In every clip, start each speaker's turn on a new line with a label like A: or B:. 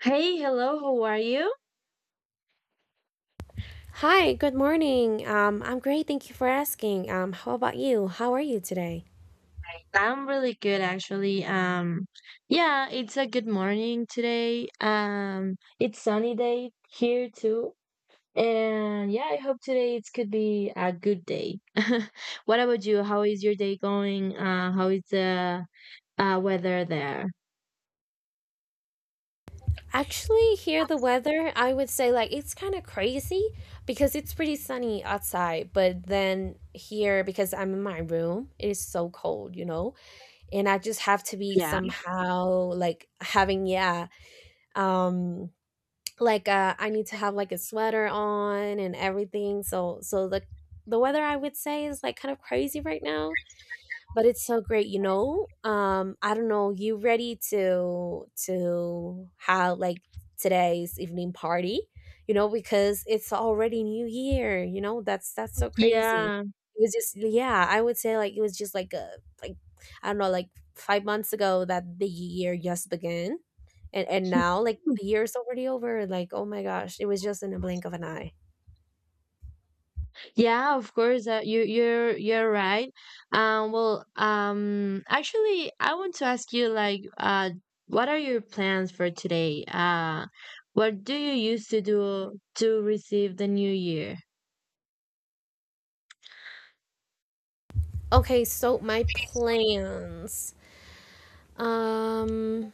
A: Hey, hello, how are you?
B: Hi, good morning. I'm great. Thank you for asking. How about you? How are you today?
A: I'm really good actually. Yeah, it's a good morning today. It's sunny day here too. And yeah, I hope today it could be a good day. What about you? How is your day going? How is the weather there?
B: Actually, here the weather, I would say like it's kind of crazy because it's pretty sunny outside, but then here because I'm in my room, it is so cold, you know? And I just have to be
A: Yeah.
B: somehow like having yeah, um like I need to have like a sweater on and everything. So the weather I would say is like kind of crazy right now, but it's so great, you know? I don't know, you ready to have like today's evening party, you know, because it's already new year, you know? That's so crazy.
A: Yeah.
B: It was just yeah, I would say like it was just like a like I don't know like 5 months ago that the year just began. And now like the year is already over. Like, oh my gosh, it was just in a blink of an eye.
A: Yeah, of course. You're right. Actually, I want to ask you what are your plans for today? What do you used to do to receive the new year?
B: Okay, so my plans, um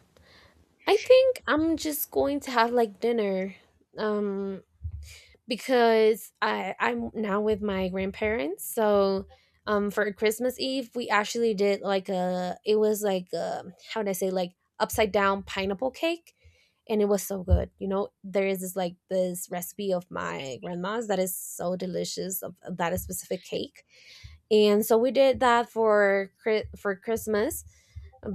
B: I think I'm just going to have like dinner, um because I'm now with my grandparents. So for Christmas Eve, we actually did like a, it was like a, how would I say, like upside down pineapple cake, and it was so good, you know? There is this like this recipe of my grandma's that is so delicious of that specific cake. And so we did that for for Christmas.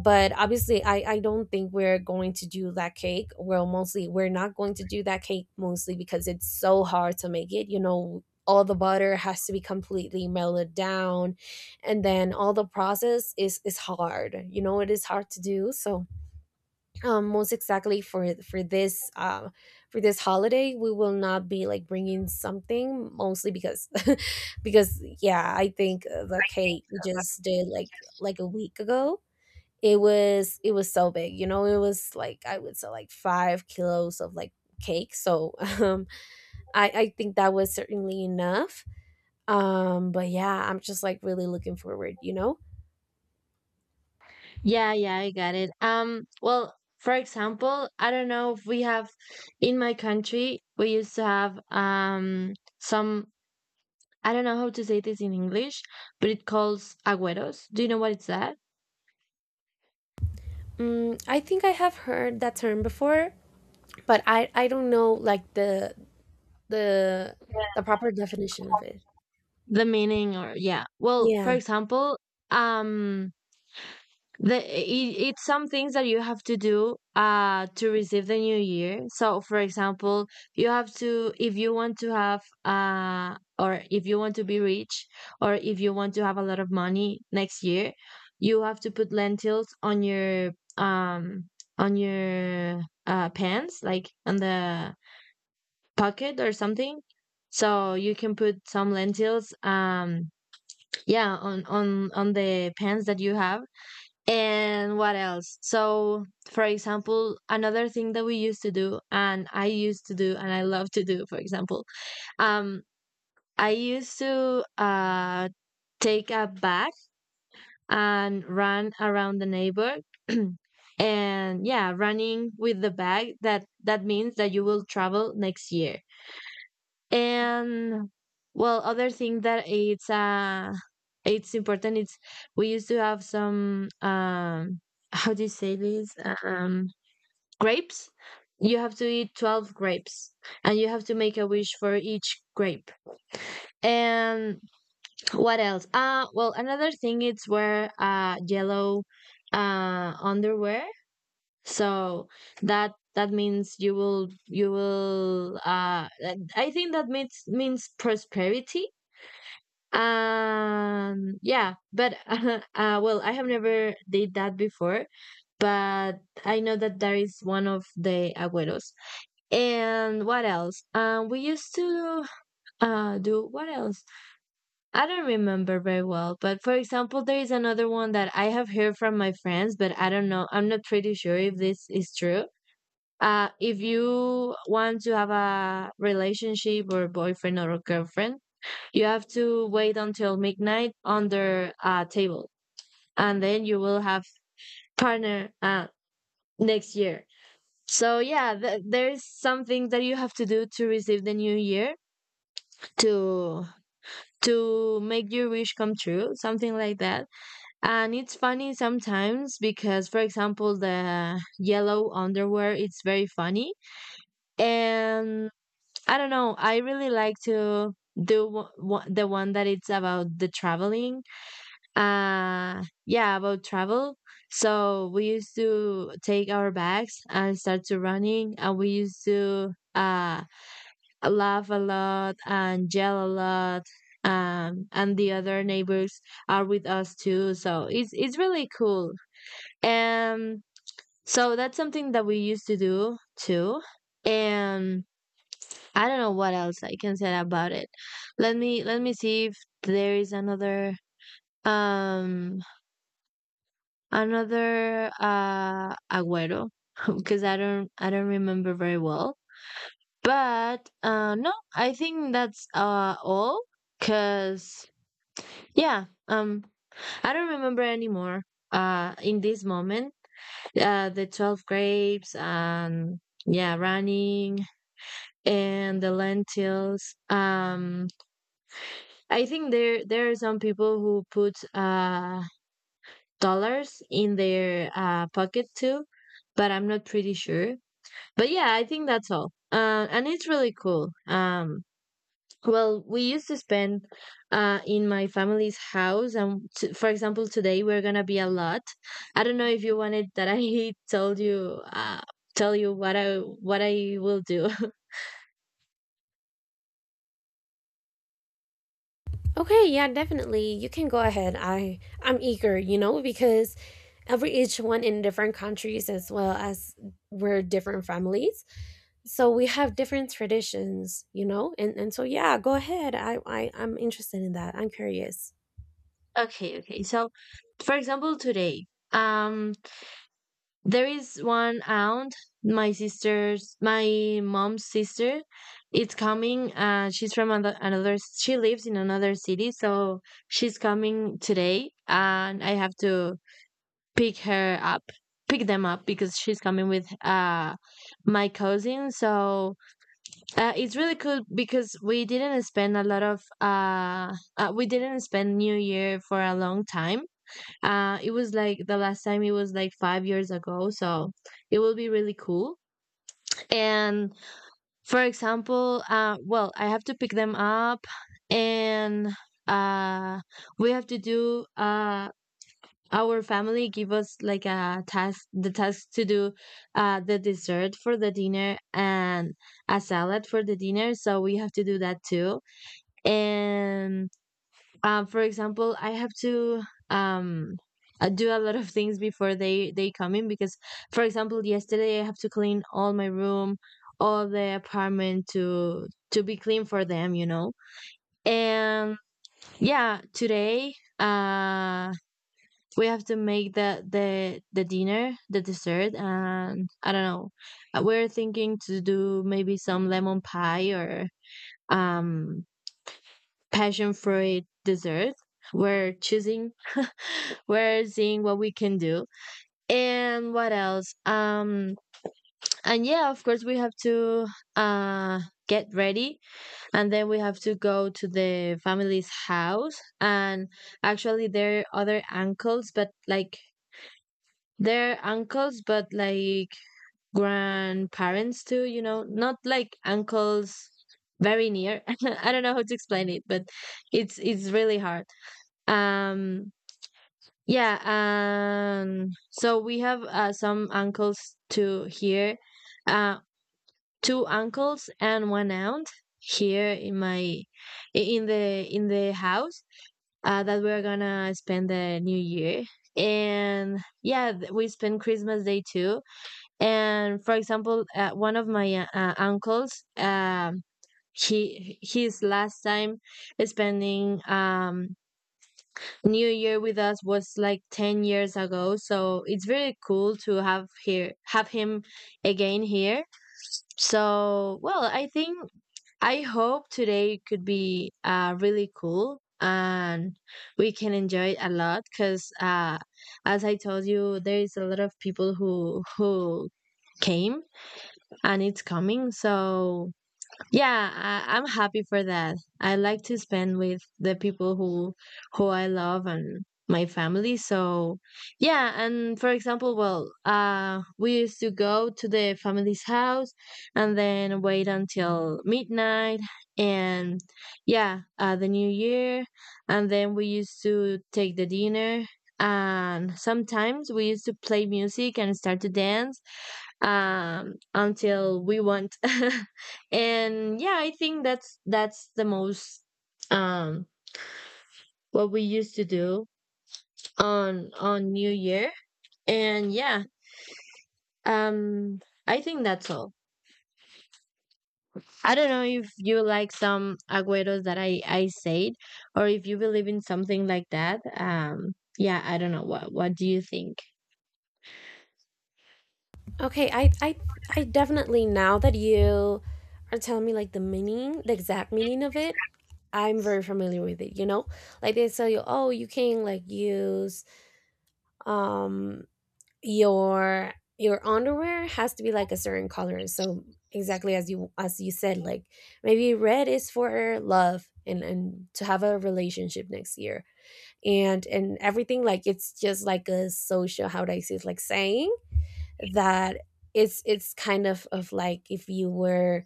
B: But obviously I don't think we're going to do that cake. Well, mostly we're not going to do that cake, mostly because it's so hard to make it, you know. All the butter has to be completely melted down, and then all the process is hard, you know. It is hard to do. So most exactly for this for this holiday, we will not be like bringing something, mostly because because yeah, I think the cake we just did like a week ago. It was so big, you know. It was like I would say like 5 kilos of like cake. So um I think that was certainly enough. But yeah, I'm just like really looking forward, you know.
A: Yeah, yeah, I got it. Well, for example, I don't know if we have in my country we used to have some I don't know how to say this in English, but it calls agüeros. Do you know what it's that?
B: Mm, I think I have heard that term before, but I don't know like the the proper definition of it.
A: The meaning? Or yeah, well, for
B: Yeah.
A: example, um it's some things that you have to do to receive the new year. So for example, you have to, if you want to have or if you want to be rich or if you want to have a lot of money next year, you have to put lentils um on your pants, like on the pocket or something. So you can put some lentils, yeah, on on the pants that you have. And what else? So for example, another thing that we used to do and I used to do and I love to do, for example, um I used to take a bag and run around the neighbor and yeah, running with the bag, that that means that you will travel next year. And well, other thing that it's important, it's we used to have some how do you say this? Um grapes. You have to eat 12 grapes and you have to make a wish for each grape. And what else? Well, another thing it's wear yellow underwear. So that that means you will, you will uh, I think that means, means prosperity. Yeah, but well, I have never did that before, but I know that that is one of the agüeros. And what else? We used to do what else? I don't remember very well, but for example, there is another one that I have heard from my friends, but I don't know. I'm not pretty sure if this is true. If you want to have a relationship or boyfriend or girlfriend, you have to wait until midnight under a table, and then you will have partner next year. So yeah, there's something that you have to do to receive the new year, to to make your wish come true, something like that. And it's funny sometimes because, for example, the yellow underwear, it's very funny. And I don't know, I really like to do the one that it's about the traveling. Yeah, about travel. So we used to take our bags and start to running, and we used to laugh a lot and yell a lot. And the other neighbors are with us too, so it's really cool. Um, so that's something that we used to do too. And I don't know what else I can say about it. Let me see if there is another. Um, another Agüero, because I don't remember very well. But no, I think that's all, cuz yeah, I don't remember anymore in this moment. The 12 grapes and yeah, running and the lentils. I think there are some people who put dollars in their pocket too, but I'm not pretty sure. But yeah, I think that's all. And it's really cool. Well, we used to spend in my family's house. And for example, today we're going to be a lot. I don't know if you wanted that I told you. Tell you what I will do.
B: Okay, yeah, definitely, you can go ahead. I'm eager, you know, because every each one in different countries, as well as we're different families, so we have different traditions, you know. And so yeah, go ahead. I'm interested in that. I'm curious.
A: Okay, okay. So, for example, today, um there is one aunt, my sister's, my mom's sister. It's coming. She's from another, another. She lives in another city, so she's coming today, and I have to pick her up, pick them up because she's coming with my cousin. So it's really cool because we didn't spend a lot of we didn't spend New Year for a long time. It was like the last time, it was like 5 years ago, so it will be really cool. And for example, well, I have to pick them up, and uh, we have to do our family give us like a task, the task to do the dessert for the dinner and a salad for the dinner, so we have to do that too. And for example, I have to um do a lot of things before they come in because, for example, yesterday I have to clean all my room, all the apartment to be clean for them, you know. And yeah, today we have to make the dinner, the dessert, and I don't know. We're thinking to do maybe some lemon pie or um passion fruit dessert. We're choosing, we're seeing what we can do, and what else? And yeah, of course, we have to uh get ready, and then we have to go to the family's house. And actually, there are other uncles, but like they're uncles, but like grandparents too. You know, not like uncles very near. I don't know how to explain it, but it's really hard. Um, yeah, so we have some uncles to here, uh, two uncles and one aunt here in my in the house, that we're gonna spend the new year. And yeah, we spend Christmas Day too. And for example, one of my uncles, he, his last time spending New Year with us was like 10 years ago, so it's very cool to have here, have him again here. So, well, I think I hope today could be really cool and we can enjoy it a lot, cuz as I told you, there is a lot of people who came and it's coming. So, yeah, I, I'm happy for that. I like to spend with the people who I love and my family. So yeah, and for example, well, we used to go to the family's house and then wait until midnight and yeah, the new year, and then we used to take the dinner and sometimes we used to play music and start to dance until we want. And yeah, I think that's the most um what we used to do on new year. And yeah, um I think that's all. I don't know if you like some agueros that I said or if you believe in something like that. Yeah, I don't know, what do you think?
B: Okay. I definitely now that you are telling me like the meaning, the exact meaning of it, I'm very familiar with it, you know. Like they tell you, oh, you can like use um your underwear has to be like a certain color. So exactly as you said, like maybe red is for love and to have a relationship next year and everything. Like it's just like a social, how do I say, it's like saying that it's kind of like, if you were,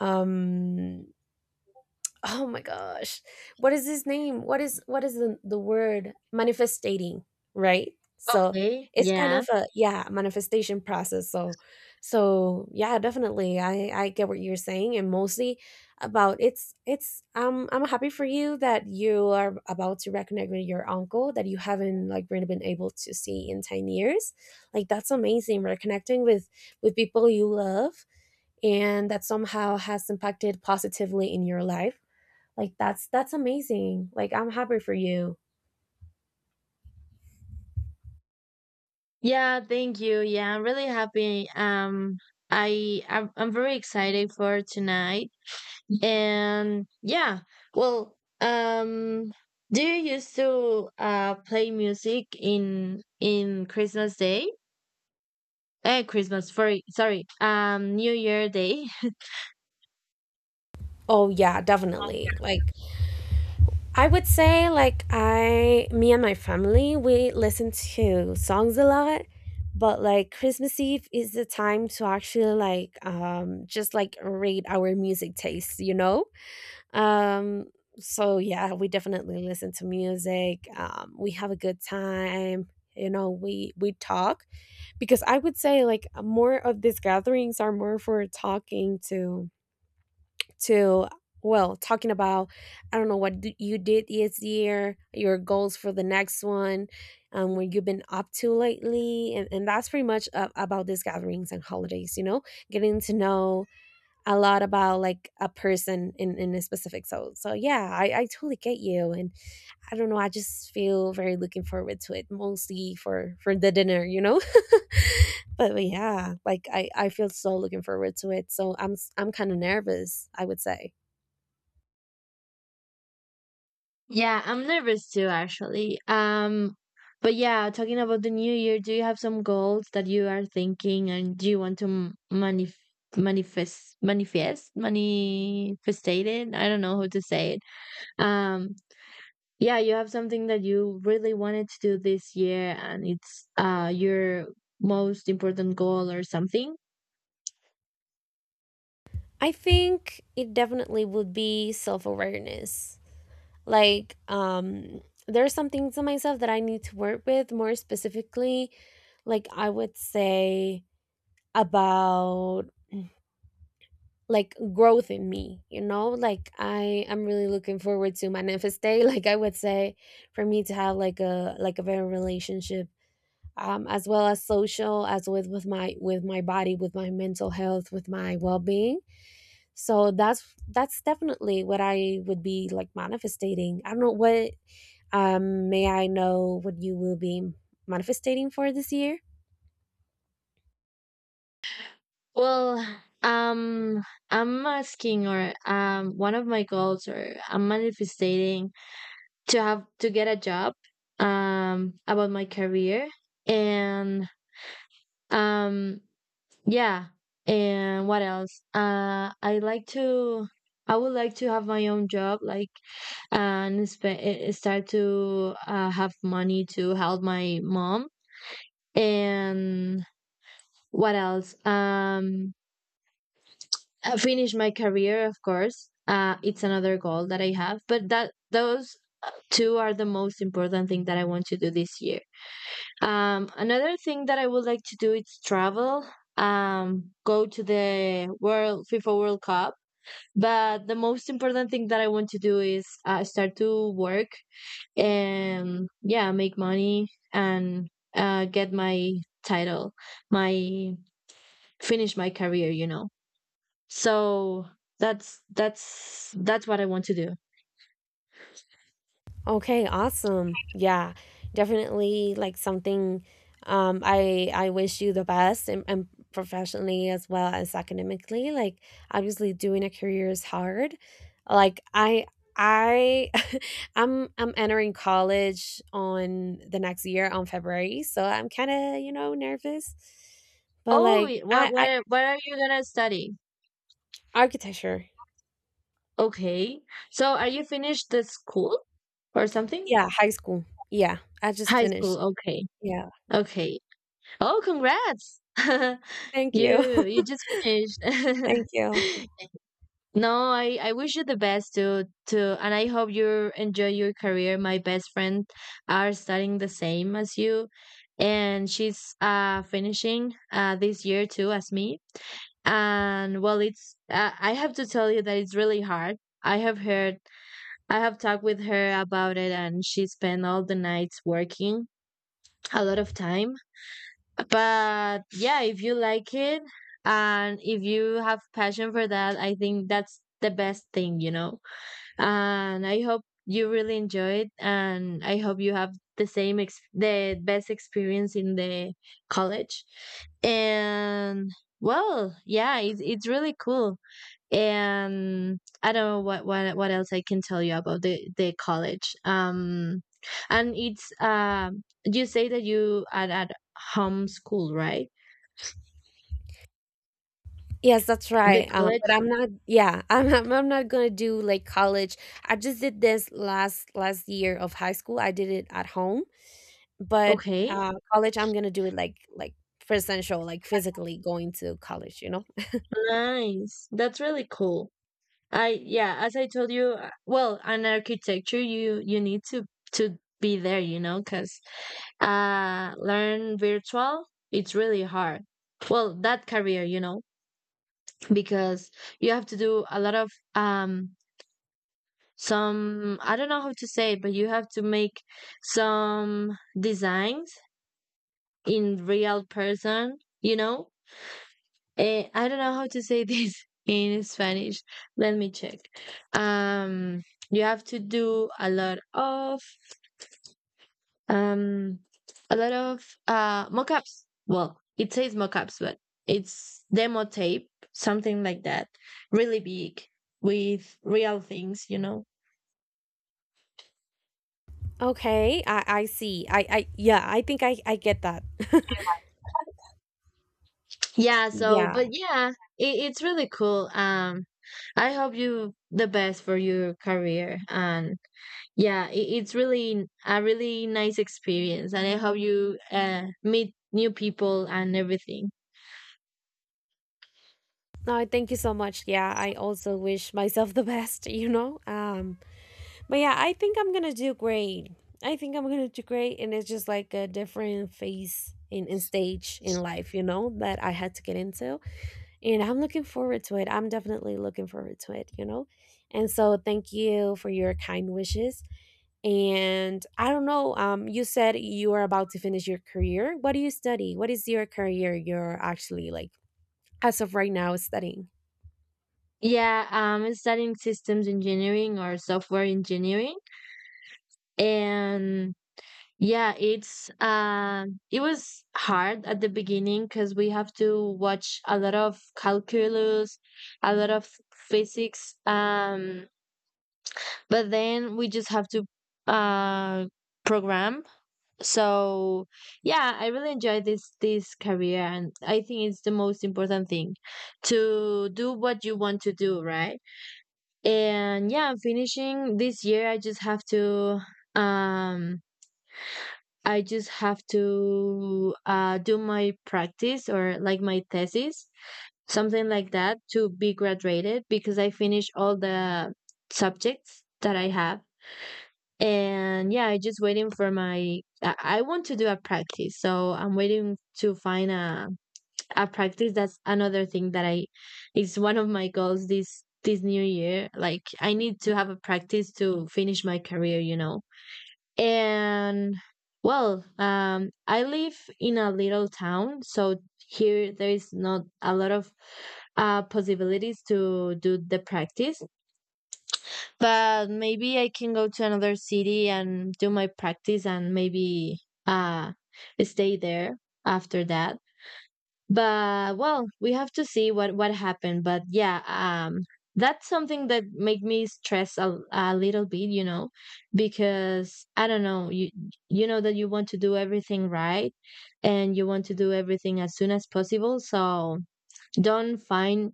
B: um oh my gosh, what is his name, what is the word, manifestating, right? So
A: Okay,
B: it's kind
A: yeah.
B: of a, yeah, manifestation process. So yeah, definitely I get what you're saying. And mostly about, it's I'm happy for you that you are about to reconnect with your uncle that you haven't like really been able to see in 10 years. Like that's amazing, reconnecting with people you love and that somehow has impacted positively in your life. Like that's amazing. Like I'm happy for you.
A: Yeah, thank you. Yeah, I'm really happy. I'm very excited for tonight. And yeah, well, do you used to play music in Christmas Day? Eh, Christmas, sorry, sorry, New Year Day.
B: Oh yeah, definitely. Like I would say like, I, me and my family, we listen to songs a lot, but like Christmas Eve is the time to actually like just like rate our music taste, you know? Um, so yeah, we definitely listen to music. We have a good time. You know, we talk because I would say like more of these gatherings are more for talking to well talking about, I don't know, what you did this year, your goals for the next one, what you've been up to lately, and that's pretty much about these gatherings and holidays. You know, getting to know a lot about like a person in a specific. So yeah, I totally get you. And I don't know, I just feel very looking forward to it, mostly for the dinner, you know. But yeah, like I feel so looking forward to it. So I'm kind of nervous, I would say.
A: Yeah, I'm nervous too, actually. But yeah, talking about the new year, do you have some goals that you are thinking and do you want to manifestate it? I don't know how to say it. Um, Yeah, you have something that you really wanted to do this year and it's your most important goal or something.
B: I think it definitely would be self-awareness. Like there are some things in myself that I need to work with more specifically. Like I would say about like growth in me, you know. Like I am really looking forward to manifest day. Like I would say for me to have like a better relationship, um, as well as social, as with my body, with my mental health, with my well-being. So that's definitely what I would be like manifesting. I don't know what, may I know what you will be manifesting for this year?
A: Well, um I'm asking or one of my goals, or I'm manifesting, to have to get a job, about my career. And um yeah, and what else? I like to, I would like to have my own job, like, and start to have money to help my mom. And what else? I finish my career, of course. Uh, it's another goal that I have, but that, those two are the most important thing that I want to do this year. Another thing that I would like to do is travel. Go to the world FIFA World Cup. But the most important thing that I want to do is start to work and yeah, make money. And get my title, my, finish my career, you know. So that's that's what I want to do.
B: Okay, awesome. Yeah, definitely like something, um, I wish you the best, and professionally as well as academically. Like obviously doing a career is hard. Like I I'm entering college on the next year on February, so I'm kind of, you know, nervous. But
A: Oh,
B: like I I
A: what are you gonna study?
B: architecture.
A: Okay, so are you finished the school or something?
B: Yeah, high school. Yeah, I just
A: High school.
B: finished.
A: Okay.
B: Yeah.
A: Okay, oh, congrats.
B: Thank
A: you
B: you.
A: you just finished.
B: Thank you.
A: No, I wish you the best to, and I hope you enjoy your career. My best friend are studying the same as you, and she's finishing this year too as me. And well, it's I have to tell you that it's really hard. I have heard I have talked with her about it, and she spent all the nights working a lot of time. But yeah, if you like it and if you have passion for that, I think that's the best thing. And I hope you really enjoyed, and I hope you have the same the best experience in the college. And, well, yeah, it's really cool. And I don't know what else I can tell you about the college. And it's, you say that you are at home school, right?
B: Yes, that's
A: The
B: right. But
A: college.
B: I'm not. Yeah, I'm not gonna do like college. I just did this last year of high school. I did it at home, but
A: Okay.
B: college, I'm gonna do it like presential, like physically going to college, you know?
A: Nice, that's really cool. I, yeah, as I told you, well, an architecture, you need to be there, you know, because learn virtual, it's really hard. Well, that career, you know, because you have to do a lot of some, I don't know how to say it, but you have to make some designs in real person, you know. I don't know how to say this in Spanish. Let me check. Um, you have to do a lot of, um, a lot of mock-ups. Well, it says mock-ups, but it's demo tape, something like that, really big, with real things, you know.
B: Okay, I see. I yeah. I think I get that.
A: Yeah. So,
B: Yeah.
A: but yeah, it's really cool. I hope you the best for your career. And yeah, it's really a really nice experience, and I hope you meet new people and everything.
B: No, thank you so much. Yeah, I also wish myself the best. You know. But yeah, I think I'm gonna do great. I think I'm gonna do great, and it's just like a different phase in stage in life, you know, that I had to get into, and I'm looking forward to it. I'm definitely looking forward to it, you know, and so thank you for your kind wishes. And I don't know, you said you are about to finish your career. What do you study? What is your career you're actually like as of right now studying?
A: Yeah, I'm studying systems engineering or software engineering. And yeah, it was hard at the beginning because we have to watch a lot of calculus, a lot of physics, but then we just have to uh, program. So yeah, I really enjoy this career, and I think it's the most important thing to do what you want to do, right? And yeah, I'm finishing this year. Um I just have to do my practice, or like my thesis, something like that, to be graduated, because I finished all the subjects that I have. And yeah, I just waiting for my — I want to do a practice. So I'm waiting to find a practice. That's another thing that I is one of my goals this new year. Like, I need to have a practice to finish my career, you know. And, well, I live in a little town, so here there is not a lot of possibilities to do the practice, but maybe I can go to another city and do my practice and maybe uh stay there after that. But, well, we have to see what happened. But yeah, that's something that make me stress a little bit, you know, because I don't know, you know that you want to do everything right, and you want to do everything as soon as possible. So, don't find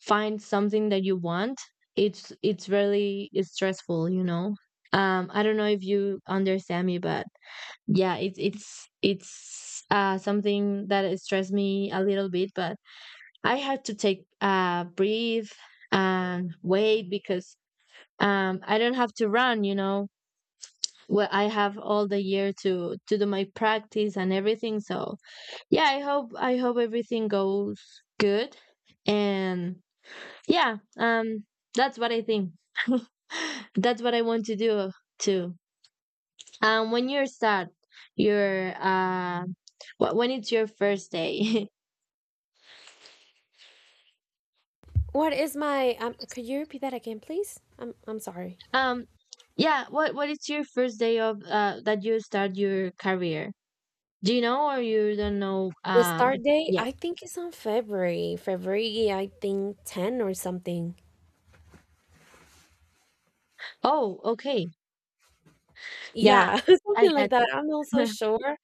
A: find something that you want, it's really, it's stressful, you know. I don't know if you understand me, but yeah, it's something that stressed me a little bit, but I had to take a breathe and wait because I don't have to run, you know. Well, I have all the year to do my practice and everything. So yeah, I hope everything goes good. And yeah, that's what I think. That's what I want to do too. When you're sad, you're uh, when it's your first day.
B: What is my um? Could you repeat that again, please? I'm sorry.
A: um, yeah, what is your first day of that you start your career? Do you know, or you don't know
B: The start date,
A: yet?
B: I think it's on February. February, I think 10 or something.
A: Oh, okay. Yeah,
B: Yeah,
A: I
B: something
A: got
B: like that. I'm not so sure.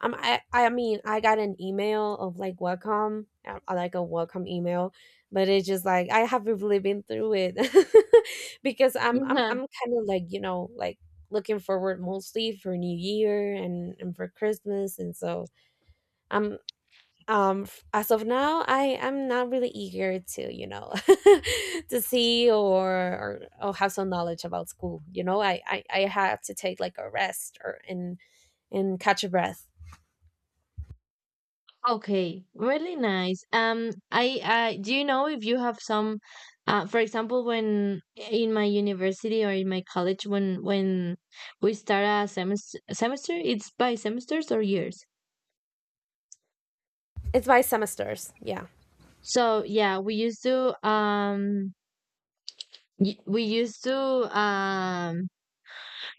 B: I mean, I got an email of like welcome, like a welcome email, but it's just like I haven't really been through it because I'm I'm
A: you.
B: I'm kind of like, you know, like looking forward mostly for New Year and for Christmas, and so I'm as of now I am not really eager to, you know, to see or have some knowledge about school, you know. I have to take like a rest or, and catch a breath.
A: Okay, really nice. I, do you know if you have some, for example, when in my university or in my college, when we start a semester, it's by semesters or years.
B: It's by semesters, yeah.
A: So yeah, we used to, um,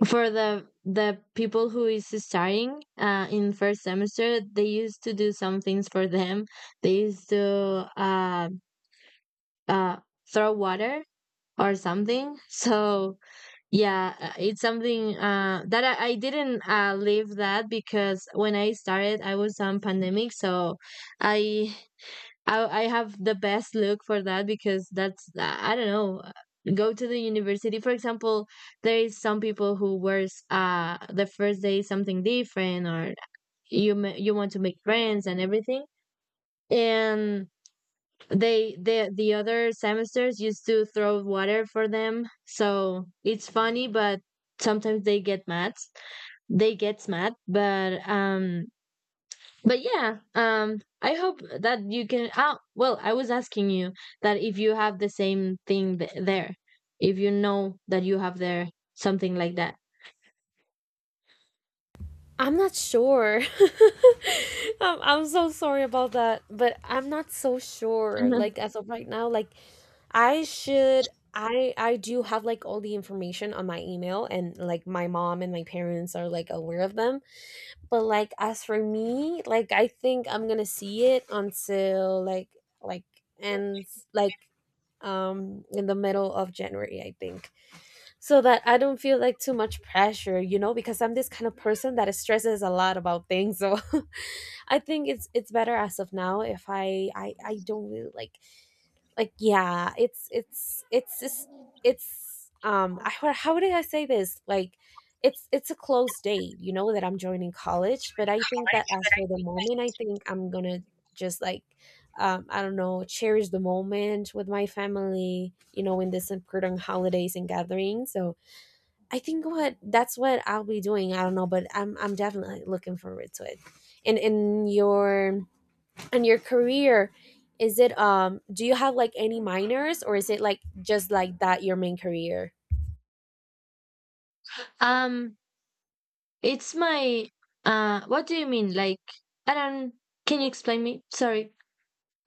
A: for the people who is starting in first semester, they used to do some things for them. They used to uh throw water or something. So yeah, it's something that I didn't leave that, because when I started, I was on pandemic, so I. I have the best look for that, because that's I don't know, go to the university, for example. There is some people who wears the first day something different, or you want to make friends and everything, and the other semesters used to throw water for them, so it's funny, but sometimes they get mad they get mad. But yeah, I hope that you can — oh, well, I was asking you that if you have the same thing there. If you know that you have there something like that.
B: I'm not sure. I'm so sorry about that, but I'm not so sure
A: Mhm.
B: like as of right now. Like I do have like all the information on my email, and like my mom and my parents are like aware of them. But like as for me, like I think I'm gonna see it until like ends like in the middle of January, I think, so that I don't feel like too much pressure, you know, because I'm this kind of person that stresses a lot about things. So I think it's better as of now if I don't really like yeah it's it's just it's I, how would I say this, like it's a close date, you know, that I'm joining college. But I think that as for the moment, I think I'm gonna just like I don't know, cherish the moment with my family, you know, in this important holidays and gatherings. So I think what that's what I'll be doing. I don't know, but I'm definitely looking forward to it. And in your and your career, is it um, do you have like any minors, or is it like just like that your main career?
A: um it's my, what do you mean, like? I don't Can you explain me? Sorry.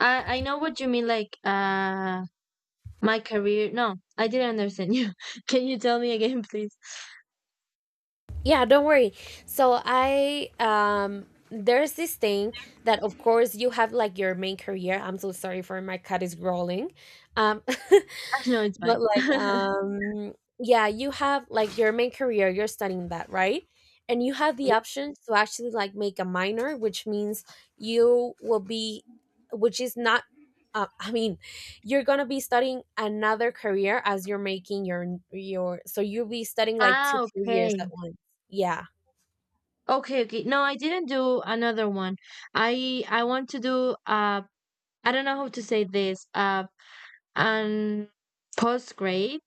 A: I know what you mean, like, my career. No, I didn't understand you. Can you tell me again, please?
B: Yeah, don't worry. So I there's this thing that of course you Have like your main career. I'm so sorry, for my cat is growling. um
A: No, it's
B: But
A: fine.
B: like yeah, you have like your main career, you're studying that, right? And you have the option to actually like make a minor, which means you will be, which is not, I mean, you're going to be studying another career as you're making your your, so you'll be studying like two
A: Ah,
B: careers
A: okay.
B: at once. Yeah.
A: Okay, okay. No, I didn't do another one. I want to do, I don't know how to say this. An post grade.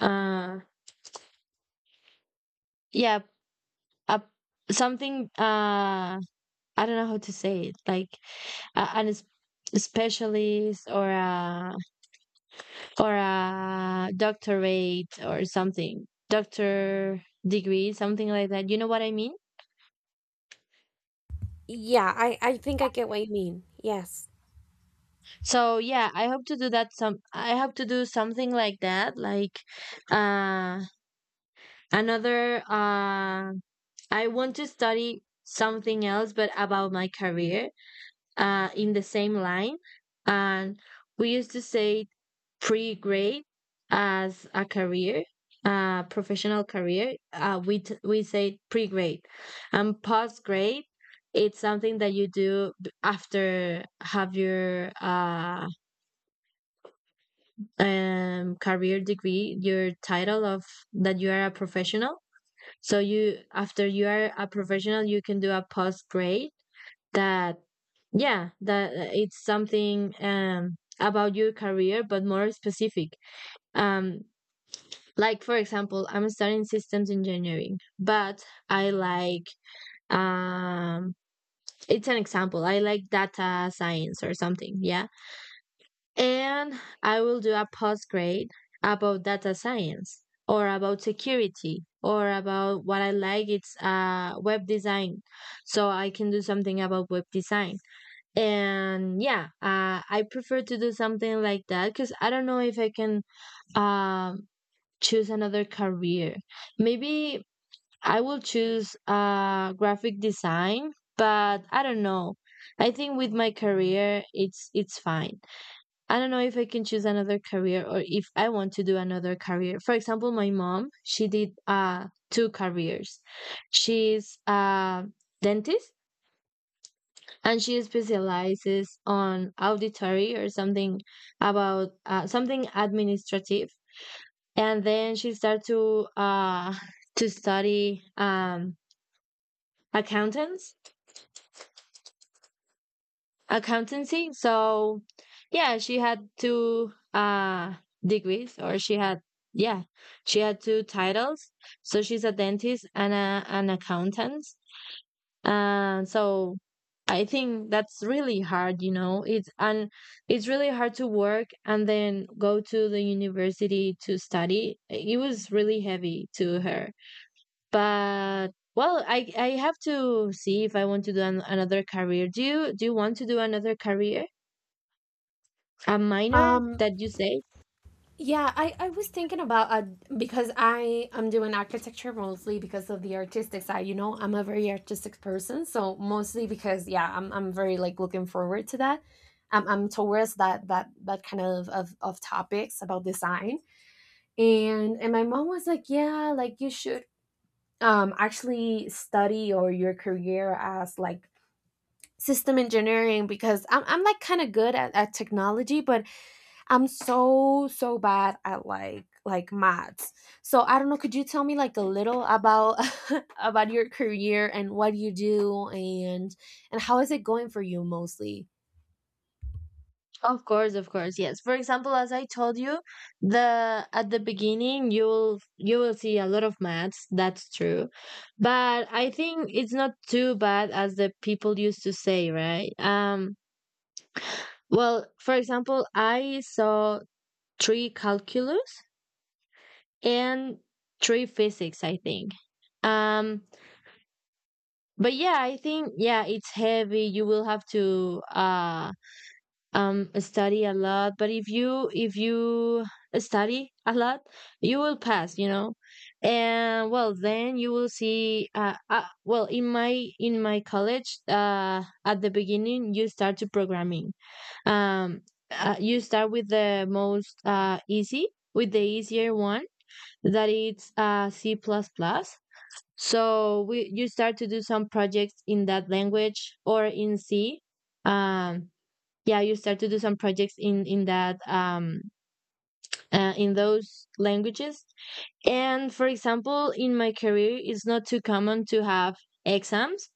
A: Uh yeah, uh, something, I don't know how to say it. Like, an specialist, or a doctorate, or something — doctor degree, something like that, you know what I mean?
B: Yeah, I think I get what you mean. Yes.
A: So yeah, I hope to do something like that, like, uh another, I want to study something else, but about my career, in the same line. And we used to say pre-grade as a career, a professional career. We say pre-grade, and post-grade. It's something that you do after have your, career degree, your title of, that you are a professional. So, you after you are a professional, you can do a post grade that — yeah, that it's something, about your career, but more specific. um Like, for example, I'm studying systems engineering, but I like, um it's an example. I like data science or something, yeah. And I will do a post grade about data science, or about security, or about what I like — it's web design. So I can do something about web design. And yeah, I prefer to do something like that, because I don't know if I can, um choose another career. Maybe I will choose graphic design, but I don't know. I think with my career, it's fine. I don't know if I can choose another career, or if I want to do another career. For example, my mom, she did two careers. She's a dentist, and she specializes on auditory, or something about, something administrative. And then she started to to study, accountants accountancy. So yeah, she had two degrees, or she had — yeah, she had two titles. So she's a dentist and an accountant. And so, I think that's really hard, you know. It's really hard to work and then go to the university to study. It was really heavy to her. But, well, I have to see if I want to do another career. Do you want to do another career? A minor
B: Um
A: that you say?
B: Yeah, I was thinking about because I am doing architecture mostly because of the artistic side. You know, I'm a very artistic person, so mostly because yeah, I'm very like looking forward to that. I'm towards that kind of topics about design. And my mom was like, yeah, like you should actually study or your career as like system engineering because I'm like kind of good at technology, but I'm so bad at like maths. So I don't know. Could you tell me like a little about about your career and what you do and how is it going for you mostly?
A: Of course, yes. For example, as I told you, the at the beginning, you will see a lot of maths, that's true. But I think it's not too bad as the people used to say, right? Well, for example, I saw three calculus and three physics, I think. Um but yeah, I think, yeah, it's heavy. You will have to study a lot, but if you study a lot, you will pass, you know. And well, then you will see, well, in my college, at the beginning, you start to programming. um you start with the most easy, with the easier one, that it's c++ plus plus. So we you start to do some projects in that language, or in c. um yeah, you start to do some projects in that, in those languages. And, for example, in my career, it's not too common to have exams,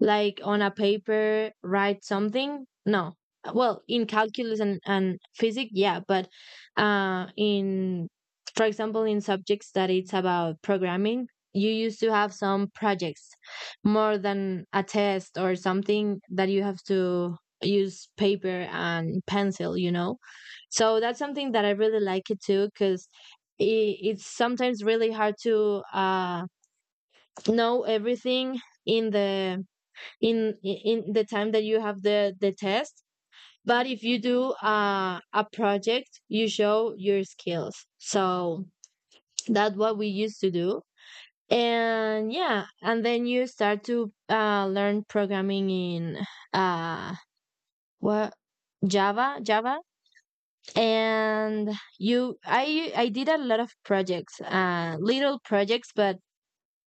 A: like on a paper, write something. No. Well, in calculus and physics, yeah, but uh, in, for example, in subjects that it's about programming, you used to have some projects, more than a test or something that you have to use paper and pencil, you know? So that's something that I really like it too, because it's sometimes really hard to know everything in the in the time that you have the test. But if you do a project, you show your skills. So that's what we used to do. And yeah, and then you start to learn programming in uh, what, java. And you I did a lot of projects, little projects, but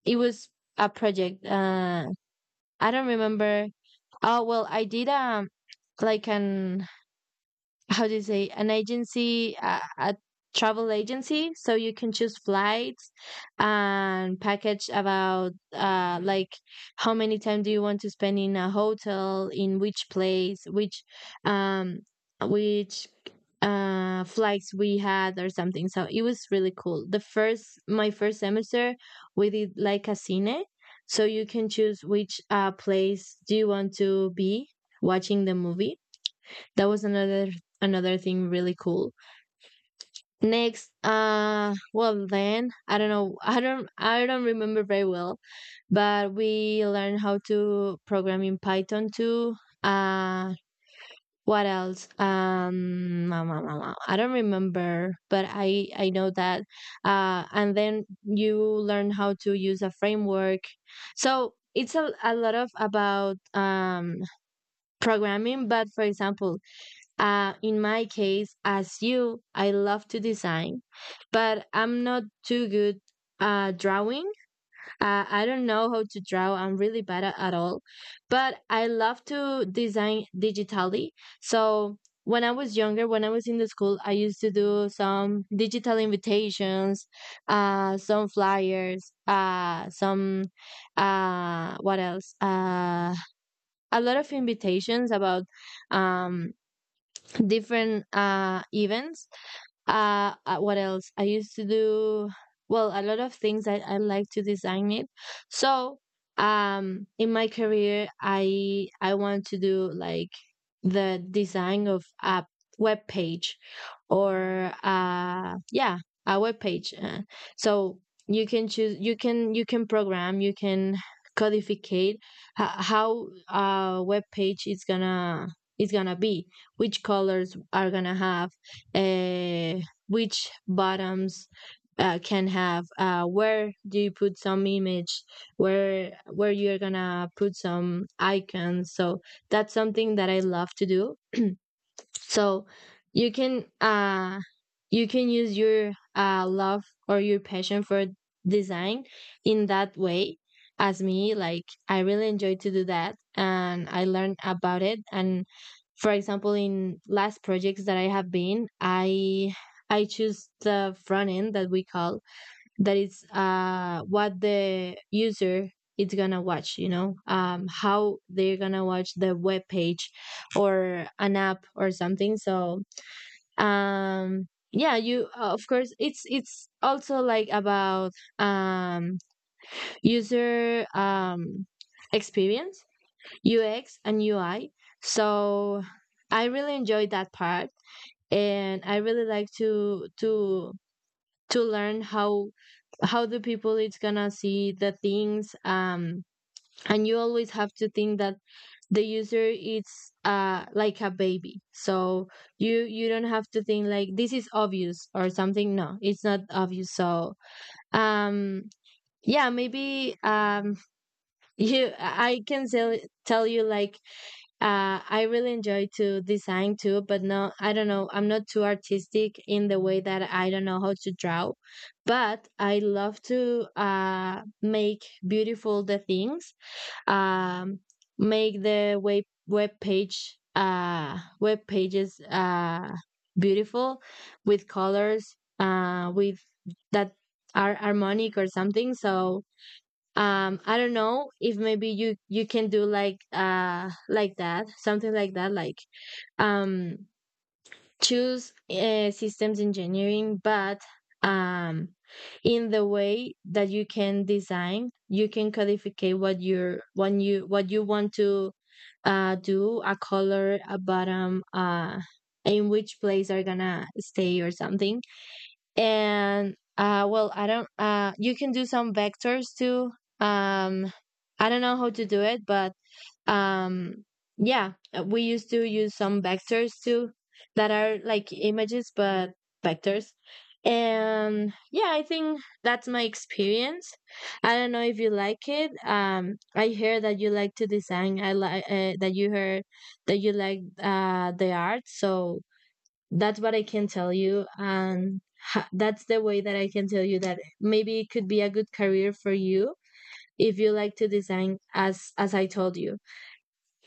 A: it was a project. I don't remember. Oh well, I did like an, how do you say, an agency, a travel agency, so you can choose flights and package about like how many time do you want to spend in a hotel, in which place, um which flights we had or something. So it was really cool the first semester. We did like a cine, so you can choose which place do you want to be watching the movie. That was another thing really cool. Next, well then, I don't know, I don't remember very well, but we learned how to program in python too. Uh what else ah, ah, ah, ah, I don't remember, but I know that. And then you learn how to use a framework. So it's a lot of about programming. But for example, in my case, as you, I love to design, but I'm not too good drawing. I don't know how to draw. I'm really bad at all, but I love to design digitally. So when I was younger, when I was in the school, I used to do some digital invitations, some flyers, some, what else? A lot of invitations about, um, different, events, what else? I used to do, well, a lot of things I like to design it. So, in my career, I want to do like the design of a web page, or uh, yeah, a web page. So you can choose, you can program, you can codificate how a web page is gonna be, which colors are gonna have, uh, which bottoms can have, where do you put some image, where you're gonna put some icons. So that's something that I love to do. So you can uh, you can use your uh, love or your passion for design in that way. As me, like, I really enjoy to do that, and I learned about it. And for example, in last projects that I have been, I choose the front end that we call, that is uh, what the user is gonna watch, you know, um, how they're gonna watch the web page or an app or something. So, um, yeah, you, of course, it's also like about, um, user, um, experience, UX and UI. So I really enjoyed that part, and I really like to learn how the people it's gonna see the things, um. And you always have to think that the user is, uh, like a baby. So you don't have to think like this is obvious or something, no, it's not obvious. So, um, yeah, maybe, um, you, I can tell you like, I really enjoy to design too, but no, I don't know. I'm not too artistic in the way that I don't know how to draw, but I love to make beautiful the things. Um, make the web page, uh, web pages, uh, beautiful, with colors, uh, with that are harmonic or something. So um, I don't know if maybe you can do like uh, like that, something like that, like um, choose systems engineering, but um, in the way that you can design, you can codificate what you're when you what you want to uh, do a color, a bottom, uh, in which place are gonna stay or something. And uh, well I don't, uh, you can do some vectors too, um, I don't know how to do it, but um, yeah we used to use some vectors too, that are like images, but vectors. And yeah, I think that's my experience. I don't know if you like it. Um, I hear that you like to design, I like that you heard that you like uh, the art. So that's what I can tell you. And that's the way that I can tell you that maybe it could be a good career for you, if you like to design, as I told you.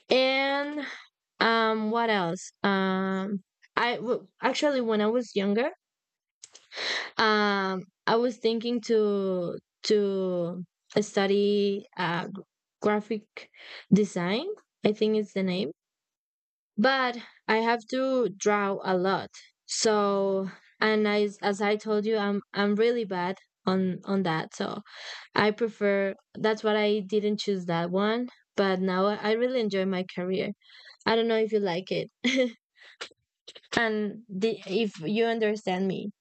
A: And um, what else? Um, actually, when I was younger, um, I was thinking to study uh, graphic design. I think it's the name. But I have to draw a lot. So, and I, as I told you, I'm really bad on that. So I prefer. That's what I didn't choose that one. But now I really enjoy my career. I don't know if you like it, and the, if you understand me.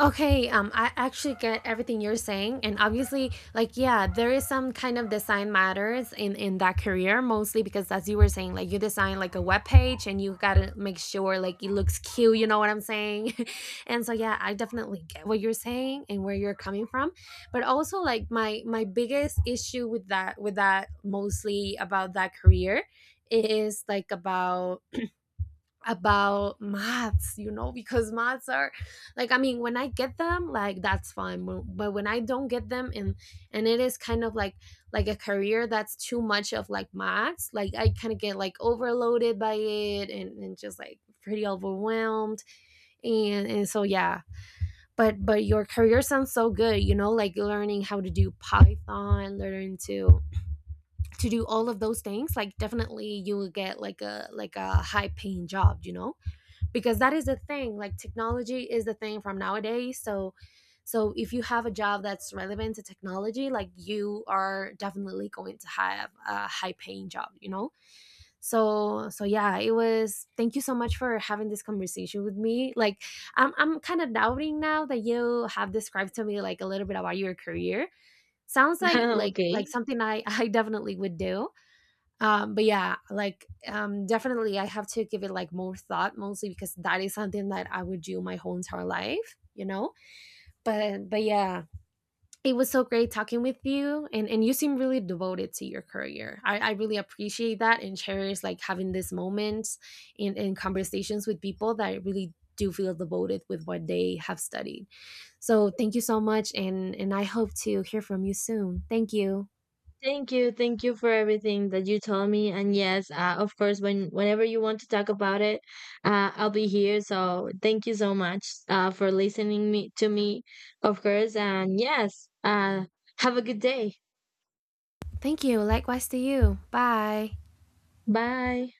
B: Okay, I actually get everything you're saying, and obviously, like, yeah, there is some kind of design matters in that career, mostly because as you were saying, like, you design like a web page, and you gotta make sure like it looks cute. You know what I'm saying? And so, yeah, I definitely get what you're saying and where you're coming from, but also like my biggest issue with that, with that, mostly about that career, is like about maths, you know, because maths are like, I mean, when I get them, like that's fine, but when I don't get them, and it is kind of like a career that's too much of like maths, like I kind of get like overloaded by it, and just like pretty overwhelmed, and so yeah, but your career sounds so good, you know, like learning how to do Python, learning to do all of those things, like definitely you will get like a high paying job, you know, because that is the thing, like technology is the thing from nowadays, so so if you have a job that's relevant to technology, like you are definitely going to have a high paying job, you know, so so yeah, it was, thank you so much for having this conversation with me, like I'm kind of doubting now that you have described to me like a little bit about your career, sounds like
A: Okay.
B: something I I definitely would do. But yeah, like definitely I have to give it like more thought, mostly because that is something that I would do my whole entire life, you know, but yeah, it was so great talking with you, and you seem really devoted to your career. I really appreciate that and cherish like having these moments and conversations with people that really do feel devoted with what they have studied. So thank you so much, and I hope to hear from you soon. Thank you.
A: Thank you. Thank you for everything that you told me. And yes, of course, when whenever you want to talk about it, I'll be here. So thank you so much for listening me to me, of course. And yes, have a good day.
B: Thank you likewise to you. Bye.
A: Bye.